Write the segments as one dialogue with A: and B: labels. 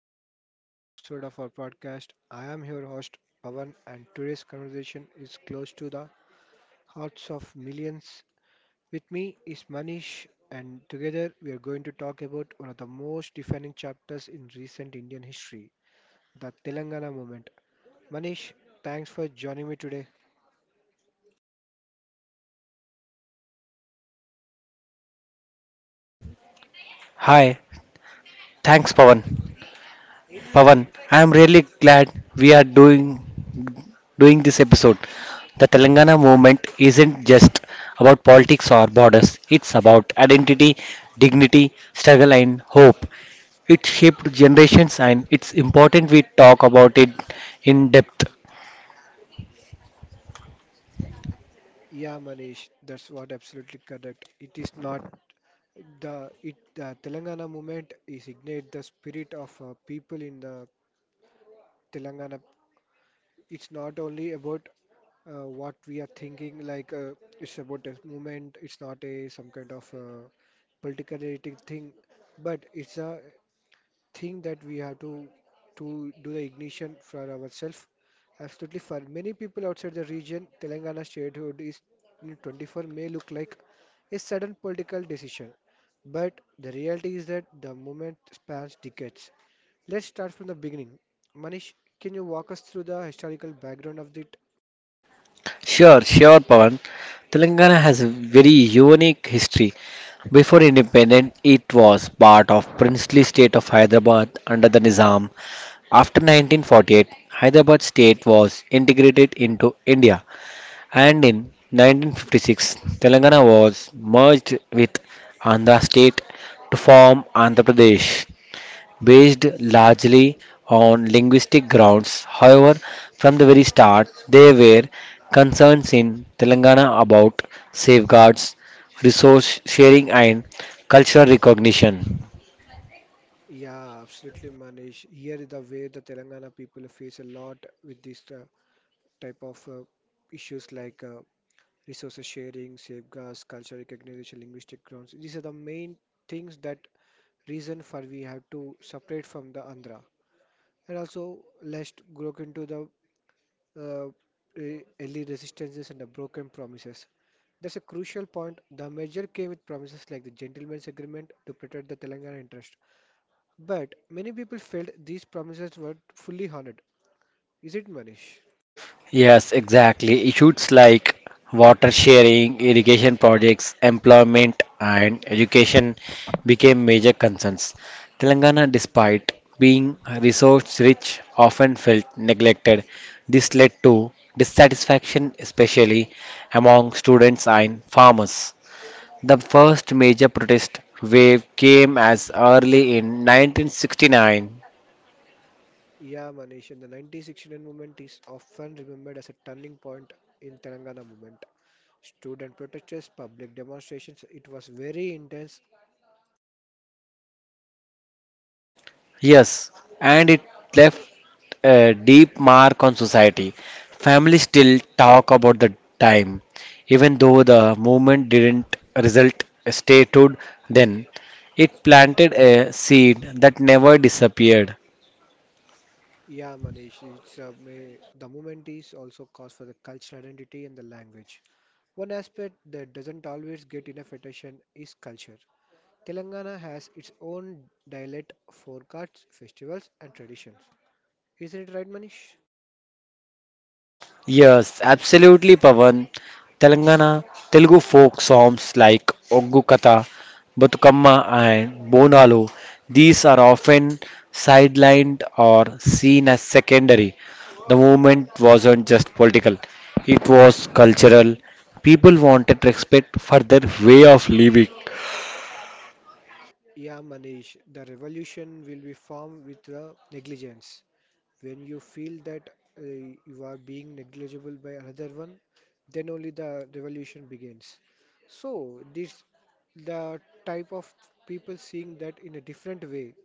A: to a very special episode of our podcast. I am your host, Pavan, and today's conversation is close to the hearts of millions. With me is Manish, and together we are going to talk about one of the most defining chapters in recent Indian history, the Telangana movement. Manish, thanks for joining me today.
B: Hi, thanks Pawan. Pawan, I am really glad we are doing this episode. The Telangana movement isn't just about politics or borders. It's about identity, dignity, struggle and hope. It shaped generations and it's important we talk about it in depth.
A: Yeah, Manish, that's what absolutely correct. It is not the Telangana movement is ignite the spirit of people in the Telangana. It's not only about what we are thinking, like it's about a movement. It's not a some kind of political thing, but it's a thing that we have to do the ignition for ourselves. Absolutely, for many people outside the region, Telangana statehood is in 24 may look like a sudden political decision, but the reality is that the movement spans decades. Let's start from the beginning. Manish, can you walk us through the historical background of it?
B: Sure, sure, Pawan. Telangana has a very unique history. Before independence, it was part of princely state of Hyderabad under the Nizam. After 1948, Hyderabad state was integrated into India. And in 1956, Telangana was merged with Andhra state to form Andhra Pradesh. Based largely on linguistic grounds, however, from the very start, there were concerns in Telangana about safeguards, resource sharing, and cultural recognition.
A: Yeah, absolutely, Manish. Here is the way the Telangana people face a lot with this type of issues like resources sharing, safeguards, cultural recognition, linguistic grounds. These are the main things that reason for we have to separate from the Andhra. And also, let's look into the uh, early resistances and the broken promises. That's a crucial point. The merger came with promises like the Gentlemen's Agreement to protect the Telangana interest. But many people felt these promises were fully honored. Is it, Manish?
B: Yes, exactly. Issues like water sharing, irrigation projects, employment, and education became major concerns. Telangana, despite being resource rich, often felt neglected. This led to dissatisfaction, especially among students and farmers. The first major protest wave came as early in 1969.
A: Yeah, Manish. And the 1969 movement is often remembered as a turning point in Telangana movement. Student protests, public demonstrations, it was very intense.
B: Yes, and it left a deep mark on society. Families still talk about the time, even though the movement didn't result statehood then. It planted a seed that never disappeared.
A: Yeah, Manish. The movement is also cause for the cultural identity and the language. One aspect that doesn't always get enough attention is culture. Telangana has its own dialect, forecasts, festivals, and traditions. Isn't it right, Manish?
B: Yes, absolutely, Pavan. Telangana Telugu folk songs like Oggu Katha, Batukamma, and Bonalu, these are often sidelined or seen as secondary. The movement wasn't just political, it was cultural. People wanted respect for their way of living.
A: Yeah, Manish, the revolution will be formed with the negligence. When you feel that you are being negligible by another one, then only the revolution begins. So, this the type of people seeing that in a different way.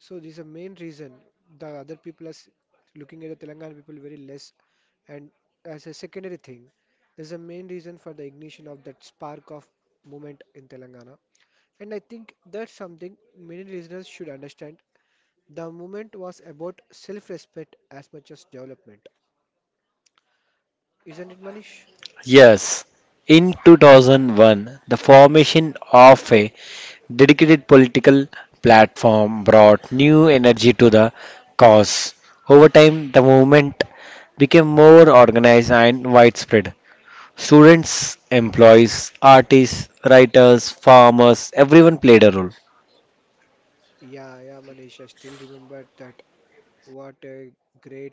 A: So this is the main reason the other people are looking at the Telangana people very less and as a secondary thing, there's a main reason for the ignition of that spark of movement in Telangana. And I think that's something many listeners should understand. The movement was about self-respect as much as development. Isn't it, Manish?
B: Yes, in 2001, the formation of a dedicated political platform brought new energy to the cause. Over time, the movement became more organized and widespread. Students, employees, artists, writers, farmers, everyone played a role.
A: Yeah, yeah, Manish. I still remember that What A great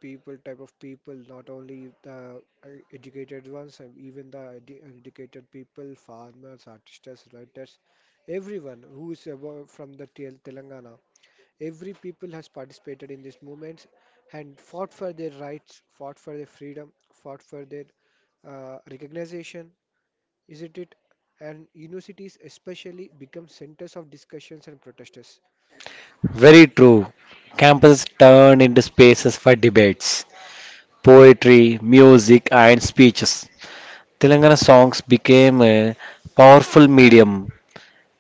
A: people, type of people, not only the educated ones, and even the educated people, farmers, artists, writers, everyone who is from the Telangana. Every people has participated in these movements and fought for their rights, fought for their freedom, fought for their recognition, isn't it? And universities especially become centers of discussions and protests.
B: Very true. Campuses turned into spaces for debates, poetry, music, and speeches. Telangana songs became a powerful medium.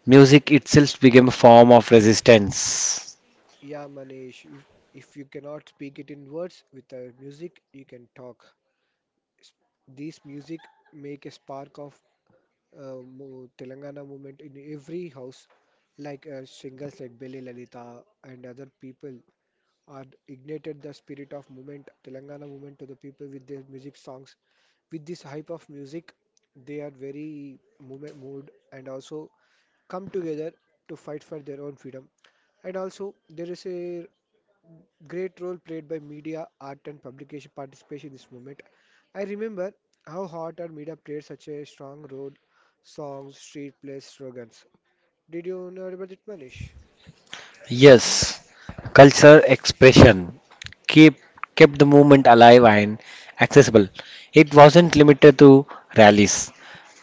B: Music itself became a form of resistance.
A: Yeah, Manish, if you cannot speak it in words, with the music you can talk. S- These music make a spark of Telangana movement in every house. Like singers like Bele Lalita and other people are ignited the spirit of movement, Telangana movement, to the people with their music songs. With this hype of music, they are very movement moved and also come together to fight for their own freedom. And also, there is a great role played by media, art, and publication participation in this movement. I remember how art and media played such a strong role. Songs, street plays, slogans. Did you know about it, Manish?
B: Yes, cultural expression keep, kept the movement alive and accessible. It wasn't limited to rallies.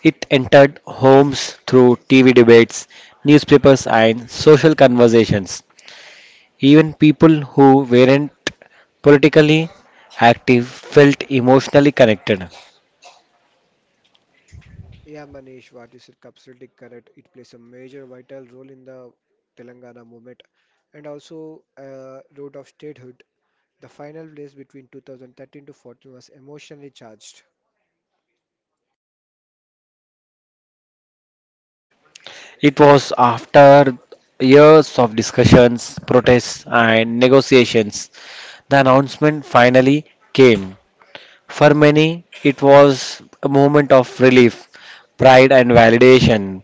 B: It entered homes through TV debates, newspapers, and social conversations. Even people who weren't politically active felt emotionally connected.
A: Yeah, Manish, what you said, absolutely correct. It plays a major vital role in the Telangana movement and also road of statehood. The final race between 2013 to 14 was emotionally charged.
B: It was after years of discussions, protests, and negotiations the announcement finally came. For many, it was a moment of relief, pride, and validation.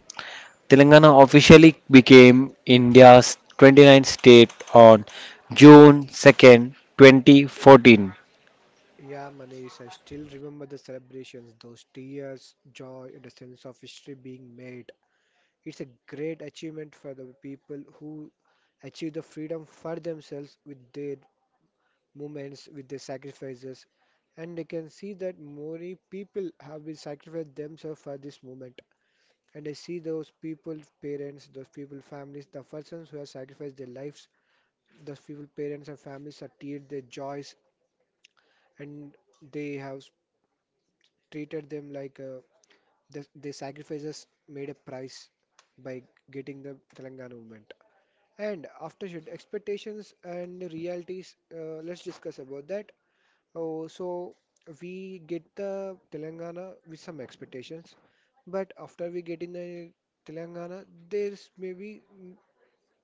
B: Telangana officially became India's 29th state on June 2nd, 2014.
A: Yeah, Manish, I still remember the celebrations, those tears, joy, and a sense of history being made. It's a great achievement for the people who achieve the freedom for themselves with their movements, with their sacrifices. And I can see that many people have been sacrificed themselves for this movement. And I see those people, parents, those people, families, the persons who have sacrificed their lives, those people, parents and families are teared their joys, and they have treated them like. The sacrifices made a price by getting the Telangana movement. And after should expectations and realities, let's discuss about that. Oh, so we get the Telangana with some expectations, but after we get in the Telangana, there's maybe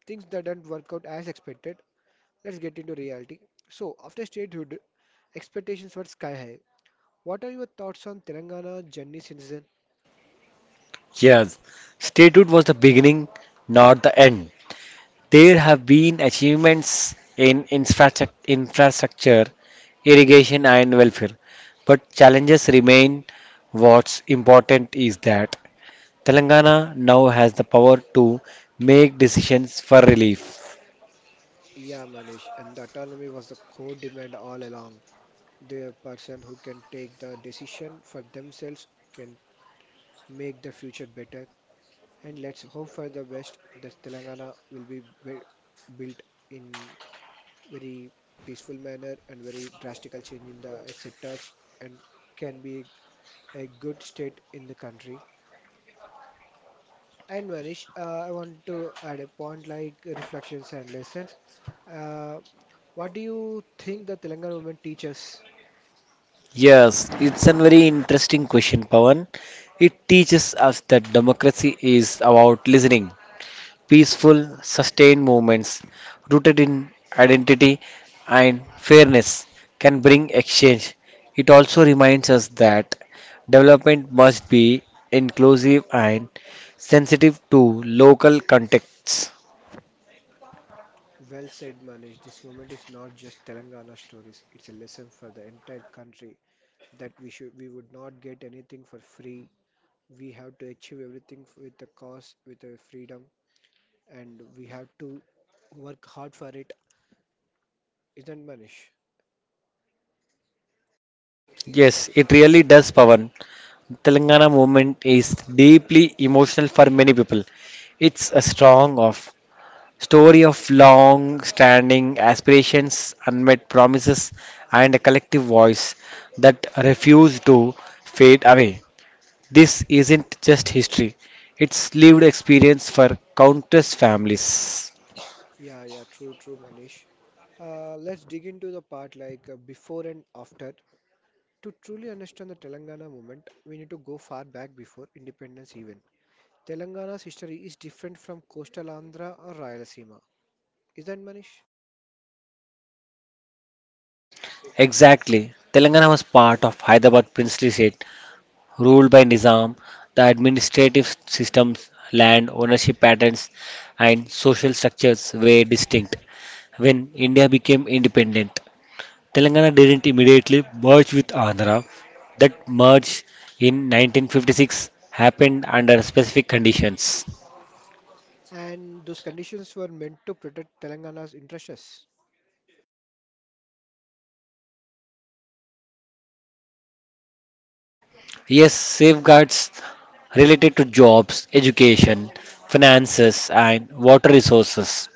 A: things that don't work out as expected. Let's get into reality. So after statehood, expectations were sky high. What are your thoughts on Telangana journey since then?
B: Yes, statehood was the beginning, not the end. There have been achievements in infrastructure, irrigation, and welfare, but challenges remain. What's important is that Telangana now has the power to make decisions for relief.
A: Yeah, Manish, and the autonomy was the core demand all along. The person who can take the decision for themselves can make the future better. And let's hope for the best that Telangana will be built in very peaceful manner and very drastical change in the sectors, and can be a good state in the country. And Manish, I want to add a point like reflections and lessons. Uh, what do you think the Telangana women teach us?
B: Yes, it's a very interesting question, Pawan. It teaches us that democracy is about listening, peaceful, sustained movements rooted in identity and fairness can bring exchange. It also reminds us that development must be inclusive and sensitive to local contexts.
A: Well said, Manish. This moment is not just Telangana stories. It's a lesson for the entire country that we would not get anything for free. We have to achieve everything with a cause, with a freedom, and we have to work hard for it. Isn't, Manish?
B: Yes, it really does, Pavan. Telangana movement is deeply emotional for many people. It's a strong of story of long standing aspirations, unmet promises, and a collective voice that refuse to fade away. This isn't just history, it's lived experience for countless families.
A: Yeah, yeah, true, true, Manish. Let's dig into the part like before and after. To truly understand the Telangana movement, we need to go far back before independence even. Telangana's history is different from coastal Andhra or Rayalaseema. Is that, Manish?
B: Exactly. Telangana was part of Hyderabad princely state, ruled by Nizam. The administrative systems, land ownership patterns, and social structures were distinct. When India became independent, Telangana didn't immediately merge with Andhra. That merge in 1956 happened under specific conditions.
A: And those conditions were meant to protect Telangana's interests.
B: Yes, safeguards related to jobs, education, finances, and water resources.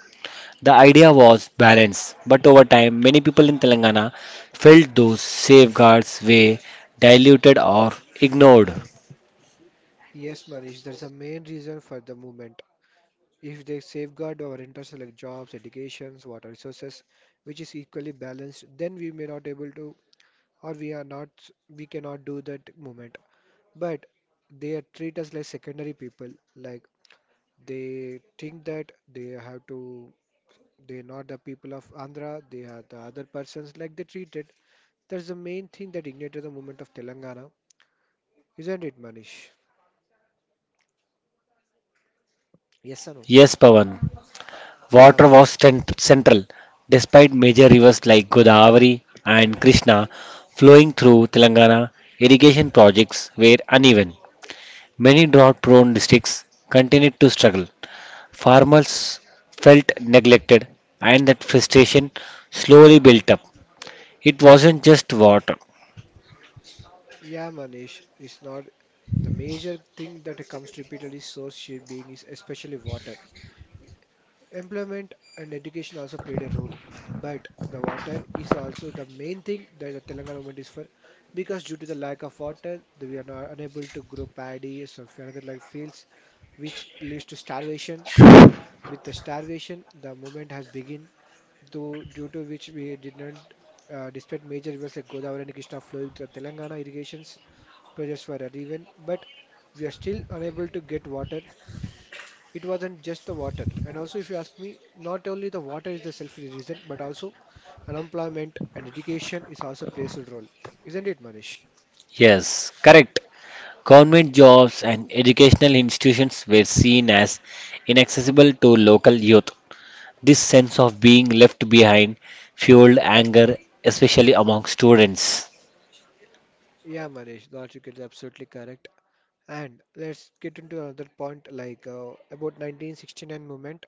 B: The idea was balance, but over time, many people in Telangana felt those safeguards were diluted or ignored.
A: Yes, Manish, that's the main reason for the movement. If they safeguard our interests like jobs, educations, water resources, which is equally balanced, then we may not able to, or we are not, we cannot do that movement. But they treat us like secondary people, like they think that they have to They're Not the people of Andhra, they are the other persons like they treated. That's the main thing that ignited the movement of Telangana, isn't it, Manish? Yes or no?
B: Yes, Pawan.
A: Yeah,
B: Water was
A: Manish.
B: central, despite major rivers like Godavari and Krishna flowing through Telangana, irrigation projects were uneven. Many drought prone districts continued to struggle. Farmers felt neglected, and that frustration slowly built up. It wasn't just water.
A: Yeah, Manish. It's not the major thing that comes repeatedly source shade being is especially water. Employment and education also played a role, but the water is also the main thing that the Telangana government is for, because due to the lack of water, we are not unable to grow paddy or some other like fields, which leads to starvation. With the starvation the movement has begun, though due to which we did not, despite major rivers like Godavari and Krishna flowing through Telangana, irrigations projects were uneven, but we are still unable to get water. It wasn't just the water, and also if you ask me, not only the water is the selfish reason, but also unemployment and education is also plays a role, isn't it, Manish?
B: Yes, correct. Government jobs and educational institutions were seen as inaccessible to local youth. This sense of being left behind fueled anger, especially among students.
A: Yeah, Manish, the article is absolutely correct. And let's get into another point, like about 1969 movement.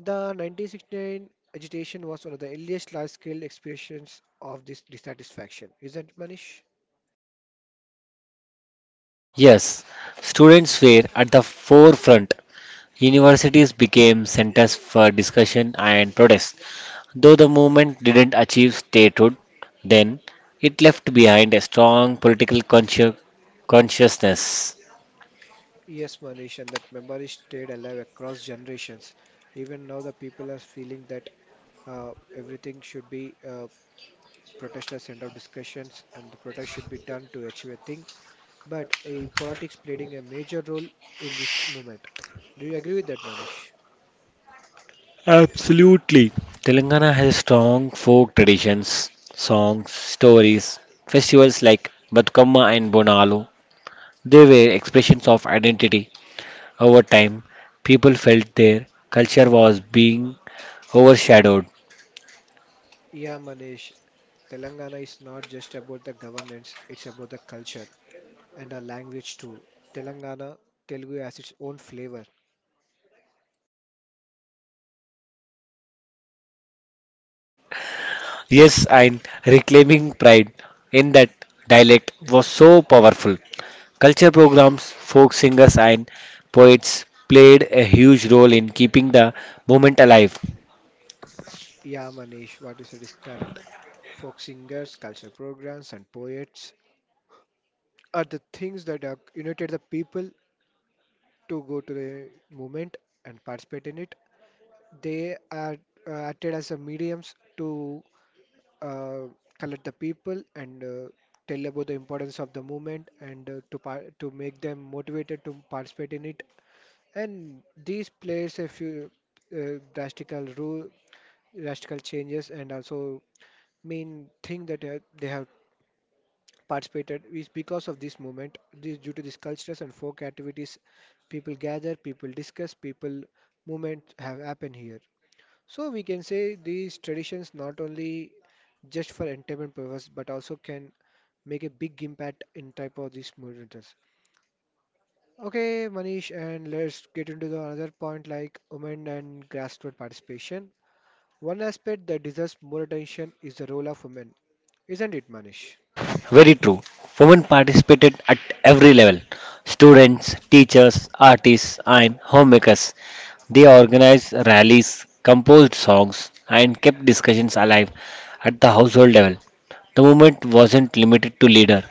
A: The 1969 agitation was one of the earliest large-scale expressions of this dissatisfaction, isn't it, Manish?
B: Yes, students were at the forefront. Universities became centers for discussion and protest. Though the movement didn't achieve statehood, then it left behind a strong political consciousness.
A: Yes, Manish, and that memory stayed alive across generations. Even now, the people are feeling that everything should be protest as end of discussions, and the protest should be done to achieve a thing. But a politics playing a major role in this movement. Do you agree with that, Manish?
B: Telangana has strong folk traditions, songs, stories, festivals like Batukamma and Bonalu. They were expressions of identity. Over time, people felt their culture was being overshadowed.
A: Yeah, Manish. Telangana is not just about the governance; it's about the culture, and our language too. Telangana Telugu has its own flavor.
B: Yes, and reclaiming pride in that dialect was so powerful. Culture programs, folk singers, and poets played a huge role in keeping the movement alive.
A: Yeah, Manish, what you said is correct. Folk singers, cultural programs, and poets are the things that are united the people to go to the movement and participate in it. They are acted as a mediums to uh, collect the people and tell about the importance of the movement, and to make them motivated to participate in it. And these plays a few uh, drastical rule, drastical changes, and also main thing that they have participated is because of this movement. This due to these cultures and folk activities, people gather, people discuss, people movement have happened here. So we can say these traditions not only just for entertainment purpose, but also can make a big impact in type of these movements. Okay, Manish, and let's get into the another point, like women and grassroots participation. One aspect that deserves more attention is the role of women, isn't it, Manish?
B: Very true. Women participated at every level students, teachers, artists, and homemakers. They organized rallies, composed songs, and kept discussions alive at the household level. The movement wasn't limited to leader,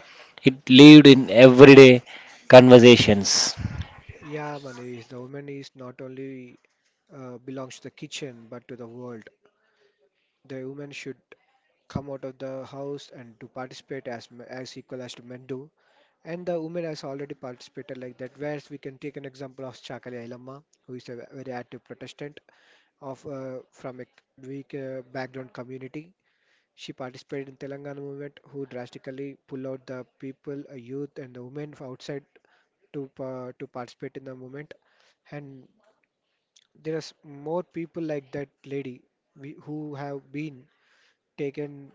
B: it lived in everyday conversations.
A: Yeah, Manish, the woman is not only belongs to the kitchen but to the world. The woman should come out of the house and to participate as as equal as to men do. And the women has already participated like that. Whereas we can take an example of Chakali Ayalama, who is a very active Protestant of from a weak background community. She participated in Telangana movement, who drastically pull out the people, youth, and the women from outside to participate in the movement. And there are more people like that lady we, who have been taken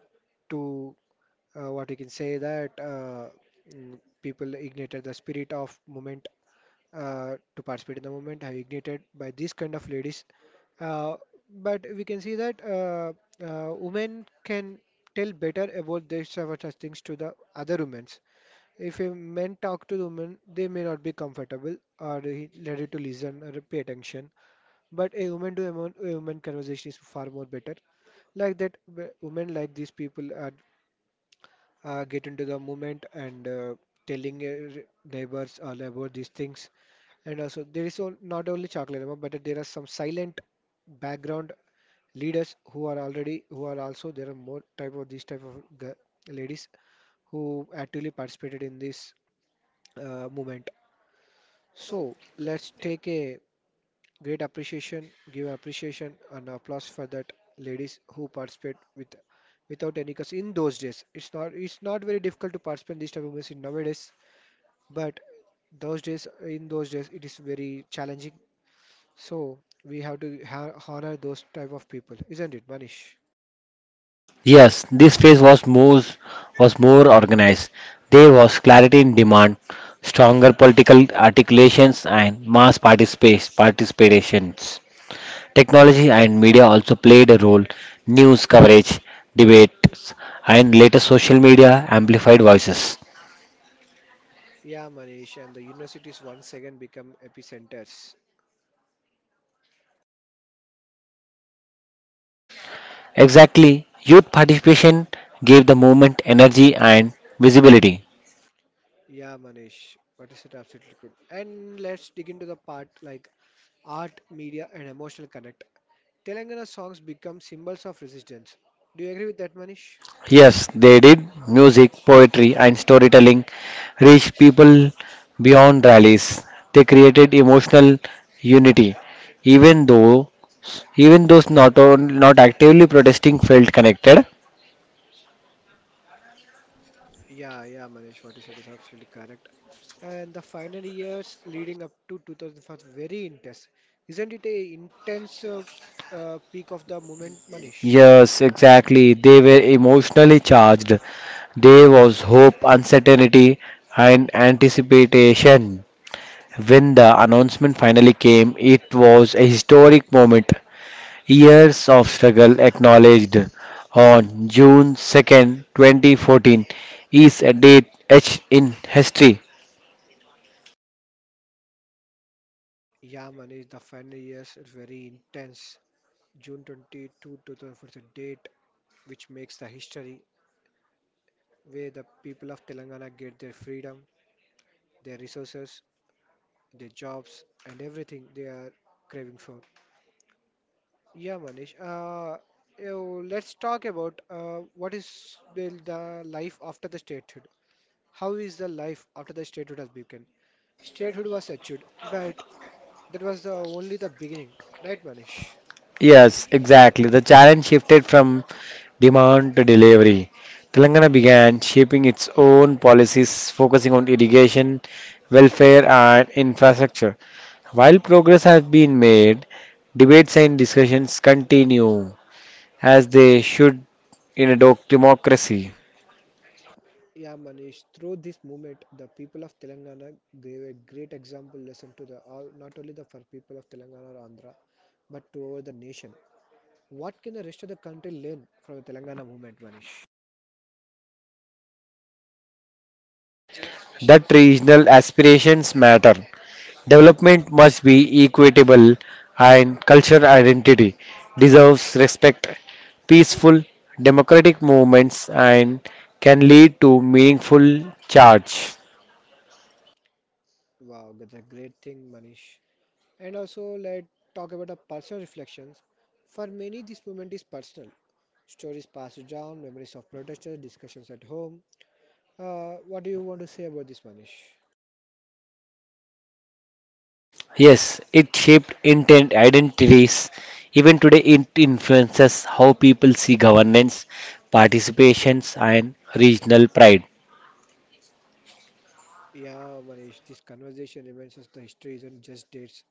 A: to what you can say that people ignited the spirit of movement to participate in the movement have ignited by these kind of ladies uh, but we can see that women can tell better about their sort of such things to the other women. If a men talk to the woman, they may not be comfortable or ready to listen or pay attention. But a woman to a woman conversation is far more better. Like that, women like these people are get into the movement and telling your neighbors all about these things. And also, there is not only Chakladerma, but there are some silent background leaders who are already who are also there are more type of these type of ladies who actively participated in this movement. So let's take a Great appreciation, give appreciation and applause for that ladies who participate with without any cause in those days. It's not very difficult to participate in this type of events in nowadays, but those days in those days it is very challenging. So we have to honor those type of people, isn't it, Manish?
B: Yes, this phase was more organized. There was clarity in demand, stronger political articulations, and mass participations. Technology and media also played a role. News coverage, debates, and later social media amplified voices.
A: Yeah, Manish, and the universities once again become epicenters.
B: Exactly, youth participation gave the movement energy and visibility.
A: Yeah, Manish, what is it absolutely good. And let's dig into the part like art, media, and emotional connect. Telangana songs become symbols of resistance. Do you agree with that, Manish?
B: Yes, they did. Music, poetry, and storytelling reached people beyond rallies. They created emotional unity, even though even those not actively protesting felt connected.
A: Yeah, Manish, what you said is absolutely correct. And the final years leading up to 2005 very intense. Isn't it a intense peak of the movement, Manish?
B: Yes, exactly. They were emotionally charged. There was hope, uncertainty, and anticipation. When the announcement finally came, it was a historic moment. Years of struggle acknowledged. On June 2nd, 2014, is a date etched in history.
A: Yeah, Manish, the final years is very intense. June 22, 2004 is a date which makes the history where the people of Telangana get their freedom, their resources, their jobs, and everything they are craving for. Yeah, Manish. Let's talk about what is the life after the statehood. How is the life after the statehood has begun? Statehood was achieved, but that was only the beginning, right, Manish?
B: Yes, exactly. The challenge shifted from demand to delivery. Telangana began shaping its own policies, focusing on irrigation, welfare, and infrastructure. While progress has been made, debates and discussions continue, as they should in a democracy.
A: Yeah, Manish, through this movement, the people of Telangana gave a great example lesson to the all, not only the for people of Telangana or Andhra, but to over the nation. What can the rest of the country learn from the Telangana movement, Manish?
B: That regional aspirations matter. Development must be equitable and cultural identity deserves respect. Peaceful, democratic movements and can lead to meaningful charge.
A: Wow, that's a great thing, Manish. And also, let's talk about the personal reflections. For many, this moment is personal. Stories passed down, memories of protesters, discussions at home. What do you want to say about this, Manish?
B: Yes, it shaped intent identities. Even today, it influences how people see governance, participations, and regional pride.
A: Yeah, Manish, this conversation reminds us the history isn't just dates,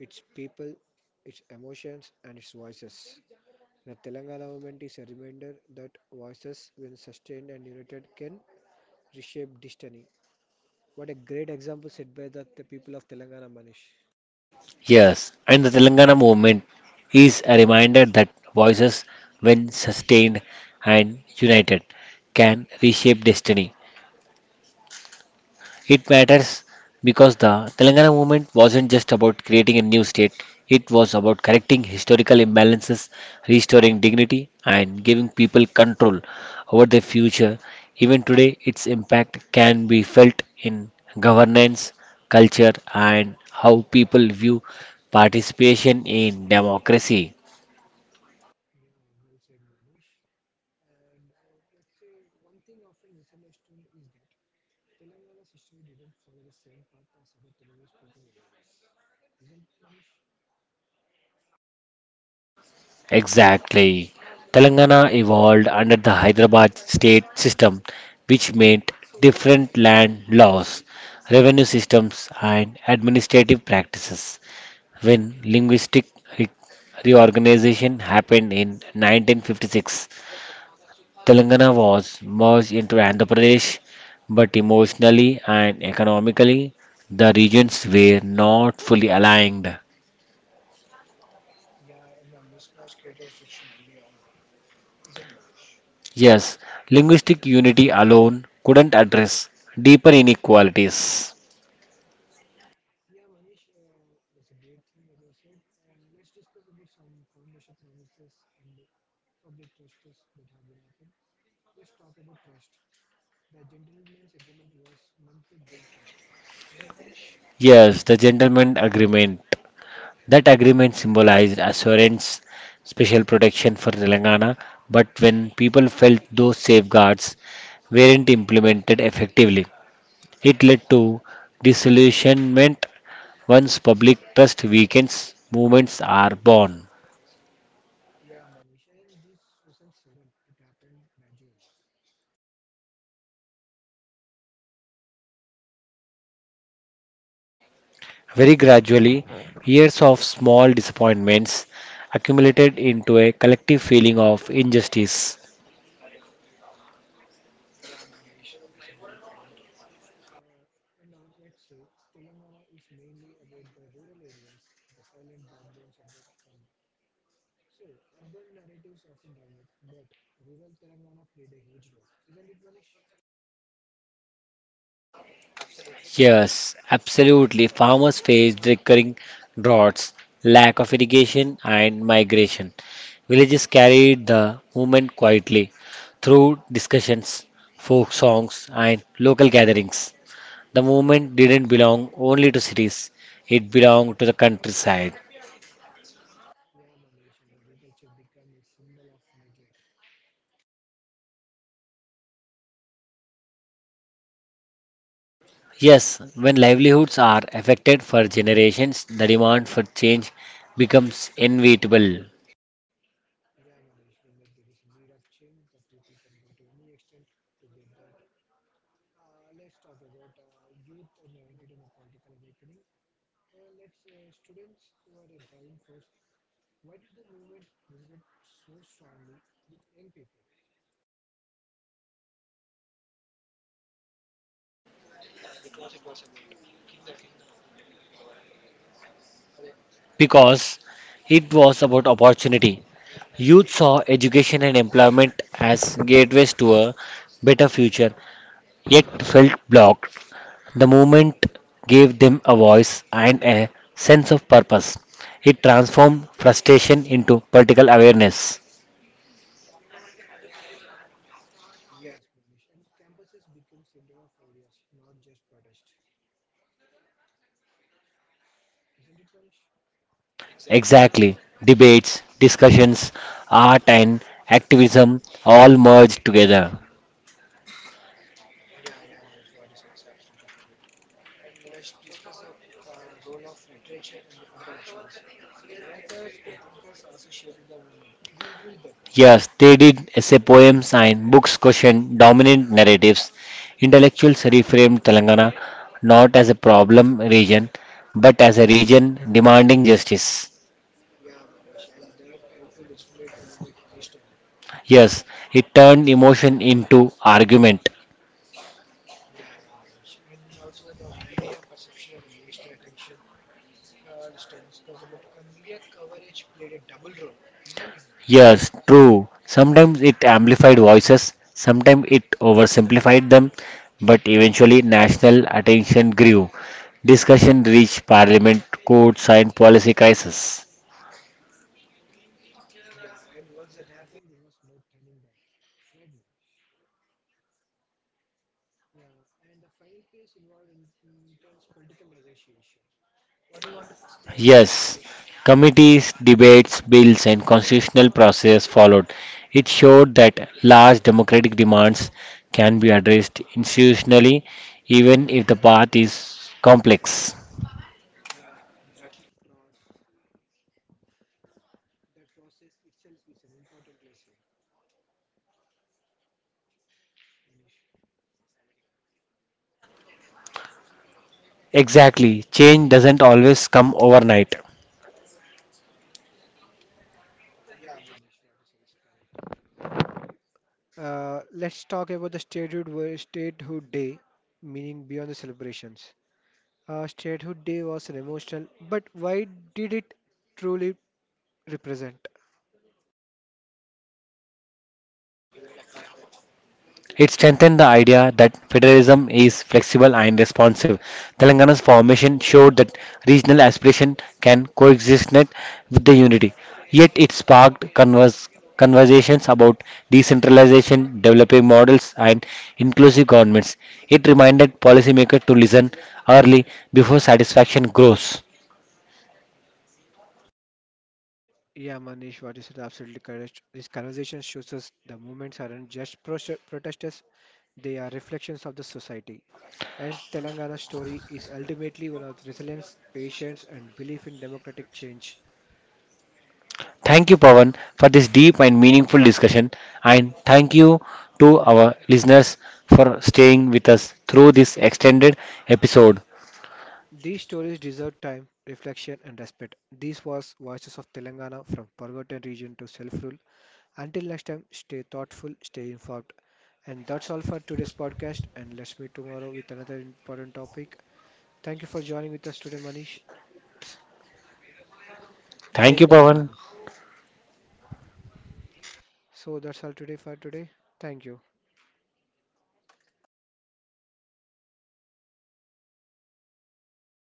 A: it's people, its emotions, and its voices. The Telangana movement is a reminder that voices, when sustained and united, can reshape destiny. What a great example set by the people of Telangana, Manish.
B: Yes, and the Telangana movement is a reminder that voices, when sustained and united, can reshape destiny. It matters because the Telangana movement wasn't just about creating a new state, it was about correcting historical imbalances, restoring dignity, and giving people control over their future. Even today, its impact can be felt in governance, culture, and how people view participation in democracy. Exactly. Telangana evolved under the Hyderabad state system, which meant different land laws, revenue systems, and administrative practices. When linguistic re- reorganization happened in 1956, Telangana was merged into Andhra Pradesh, but emotionally and economically, the regions were not fully aligned.
A: Yeah, in the mismatch created fiction early on, isn't it, Manish?
B: Yes, linguistic unity alone couldn't address deeper inequalities.
A: Yeah, Manish, that's a great thing, as I said. And let's discuss about some foundation promises and public trusts that have been happened. Let's talk about trust. The gentleman's agreement was meant to build trust. Is it, Manish?
B: Yes, the gentleman agreement. That agreement symbolized assurance, special protection for Telangana, but when people felt those safeguards weren't implemented effectively, it led to disillusionment. Once public trust weakens, movements are born. Very gradually, years of small disappointments accumulated into a collective feeling of injustice. Yes, absolutely. Farmers faced recurring droughts, lack of irrigation, and migration. Villages carried the movement quietly through discussions, folk songs, and local gatherings. The movement didn't belong only to cities, it belonged to the countryside. Yes, when livelihoods are affected for generations, the demand for change becomes inevitable because it was about opportunity. Youth saw education and employment as gateways to a better future, yet felt blocked. The movement gave them a voice and a sense of purpose. It transformed frustration into political awareness.
A: Yes, Manish, and campuses become center of ideas, not just protest. Isn't it, Manish?
B: Exactly. Debates, discussions, art, and activism all merged together.
A: Thinkers and thinkers also shape the movement. Do you agree with that?
B: Yes, they did essay poems and books question dominant narratives. Intellectuals reframed Telangana not as a problem region, but as a region demanding justice.
A: The moment national,
B: Yes, it turned emotion into argument.
A: and also the media perception and the national attention Hollister responsible India coverage played a double role, isn't it?
B: Yes, true. Sometimes it amplified voices, sometimes it oversimplified them, but eventually national attention grew. Discussion reached parliament, courts, and policy crisis.
A: Yeah, and the final case involved in intense political negotiation. What do you want to say about that?
B: Yes, committees, debates, bills, and constitutional process followed. It showed that large democratic demands can be addressed institutionally, even if the path is complex.
A: Yeah, that process, that process itself.
B: Exactly, change doesn't always come overnight.
A: Let's talk about the statehood, statehood day, meaning beyond the celebrations. Statehood day was an emotional, but why did it truly represent?
B: It strengthened the idea that federalism is flexible and responsive. Telangana's formation showed that regional aspiration can coexist net with the unity. Yet it sparked conversations about decentralization, developing models, and inclusive governments. It reminded policymakers to listen early before satisfaction grows.
A: Yeah, Manish, what you said absolutely correct. This conversation shows us the movements aren't just protesters, they are reflections of the society. And Telangana's story is ultimately one of resilience, patience, and belief in democratic change.
B: Thank you, Pawan, for this deep and meaningful discussion. And thank you to our listeners for staying with us through this extended episode.
A: These stories deserve time, reflection, and respect. These was Voices of Telangana from forgotten region to self rule. Until next time, stay thoughtful, stay informed. And that's all for today's podcast. And let's meet tomorrow with another important topic. Thank you for joining with us today, Manish. Jai
B: Thank you, Pawan.
A: Telangana. So that's all today for today. Thank you.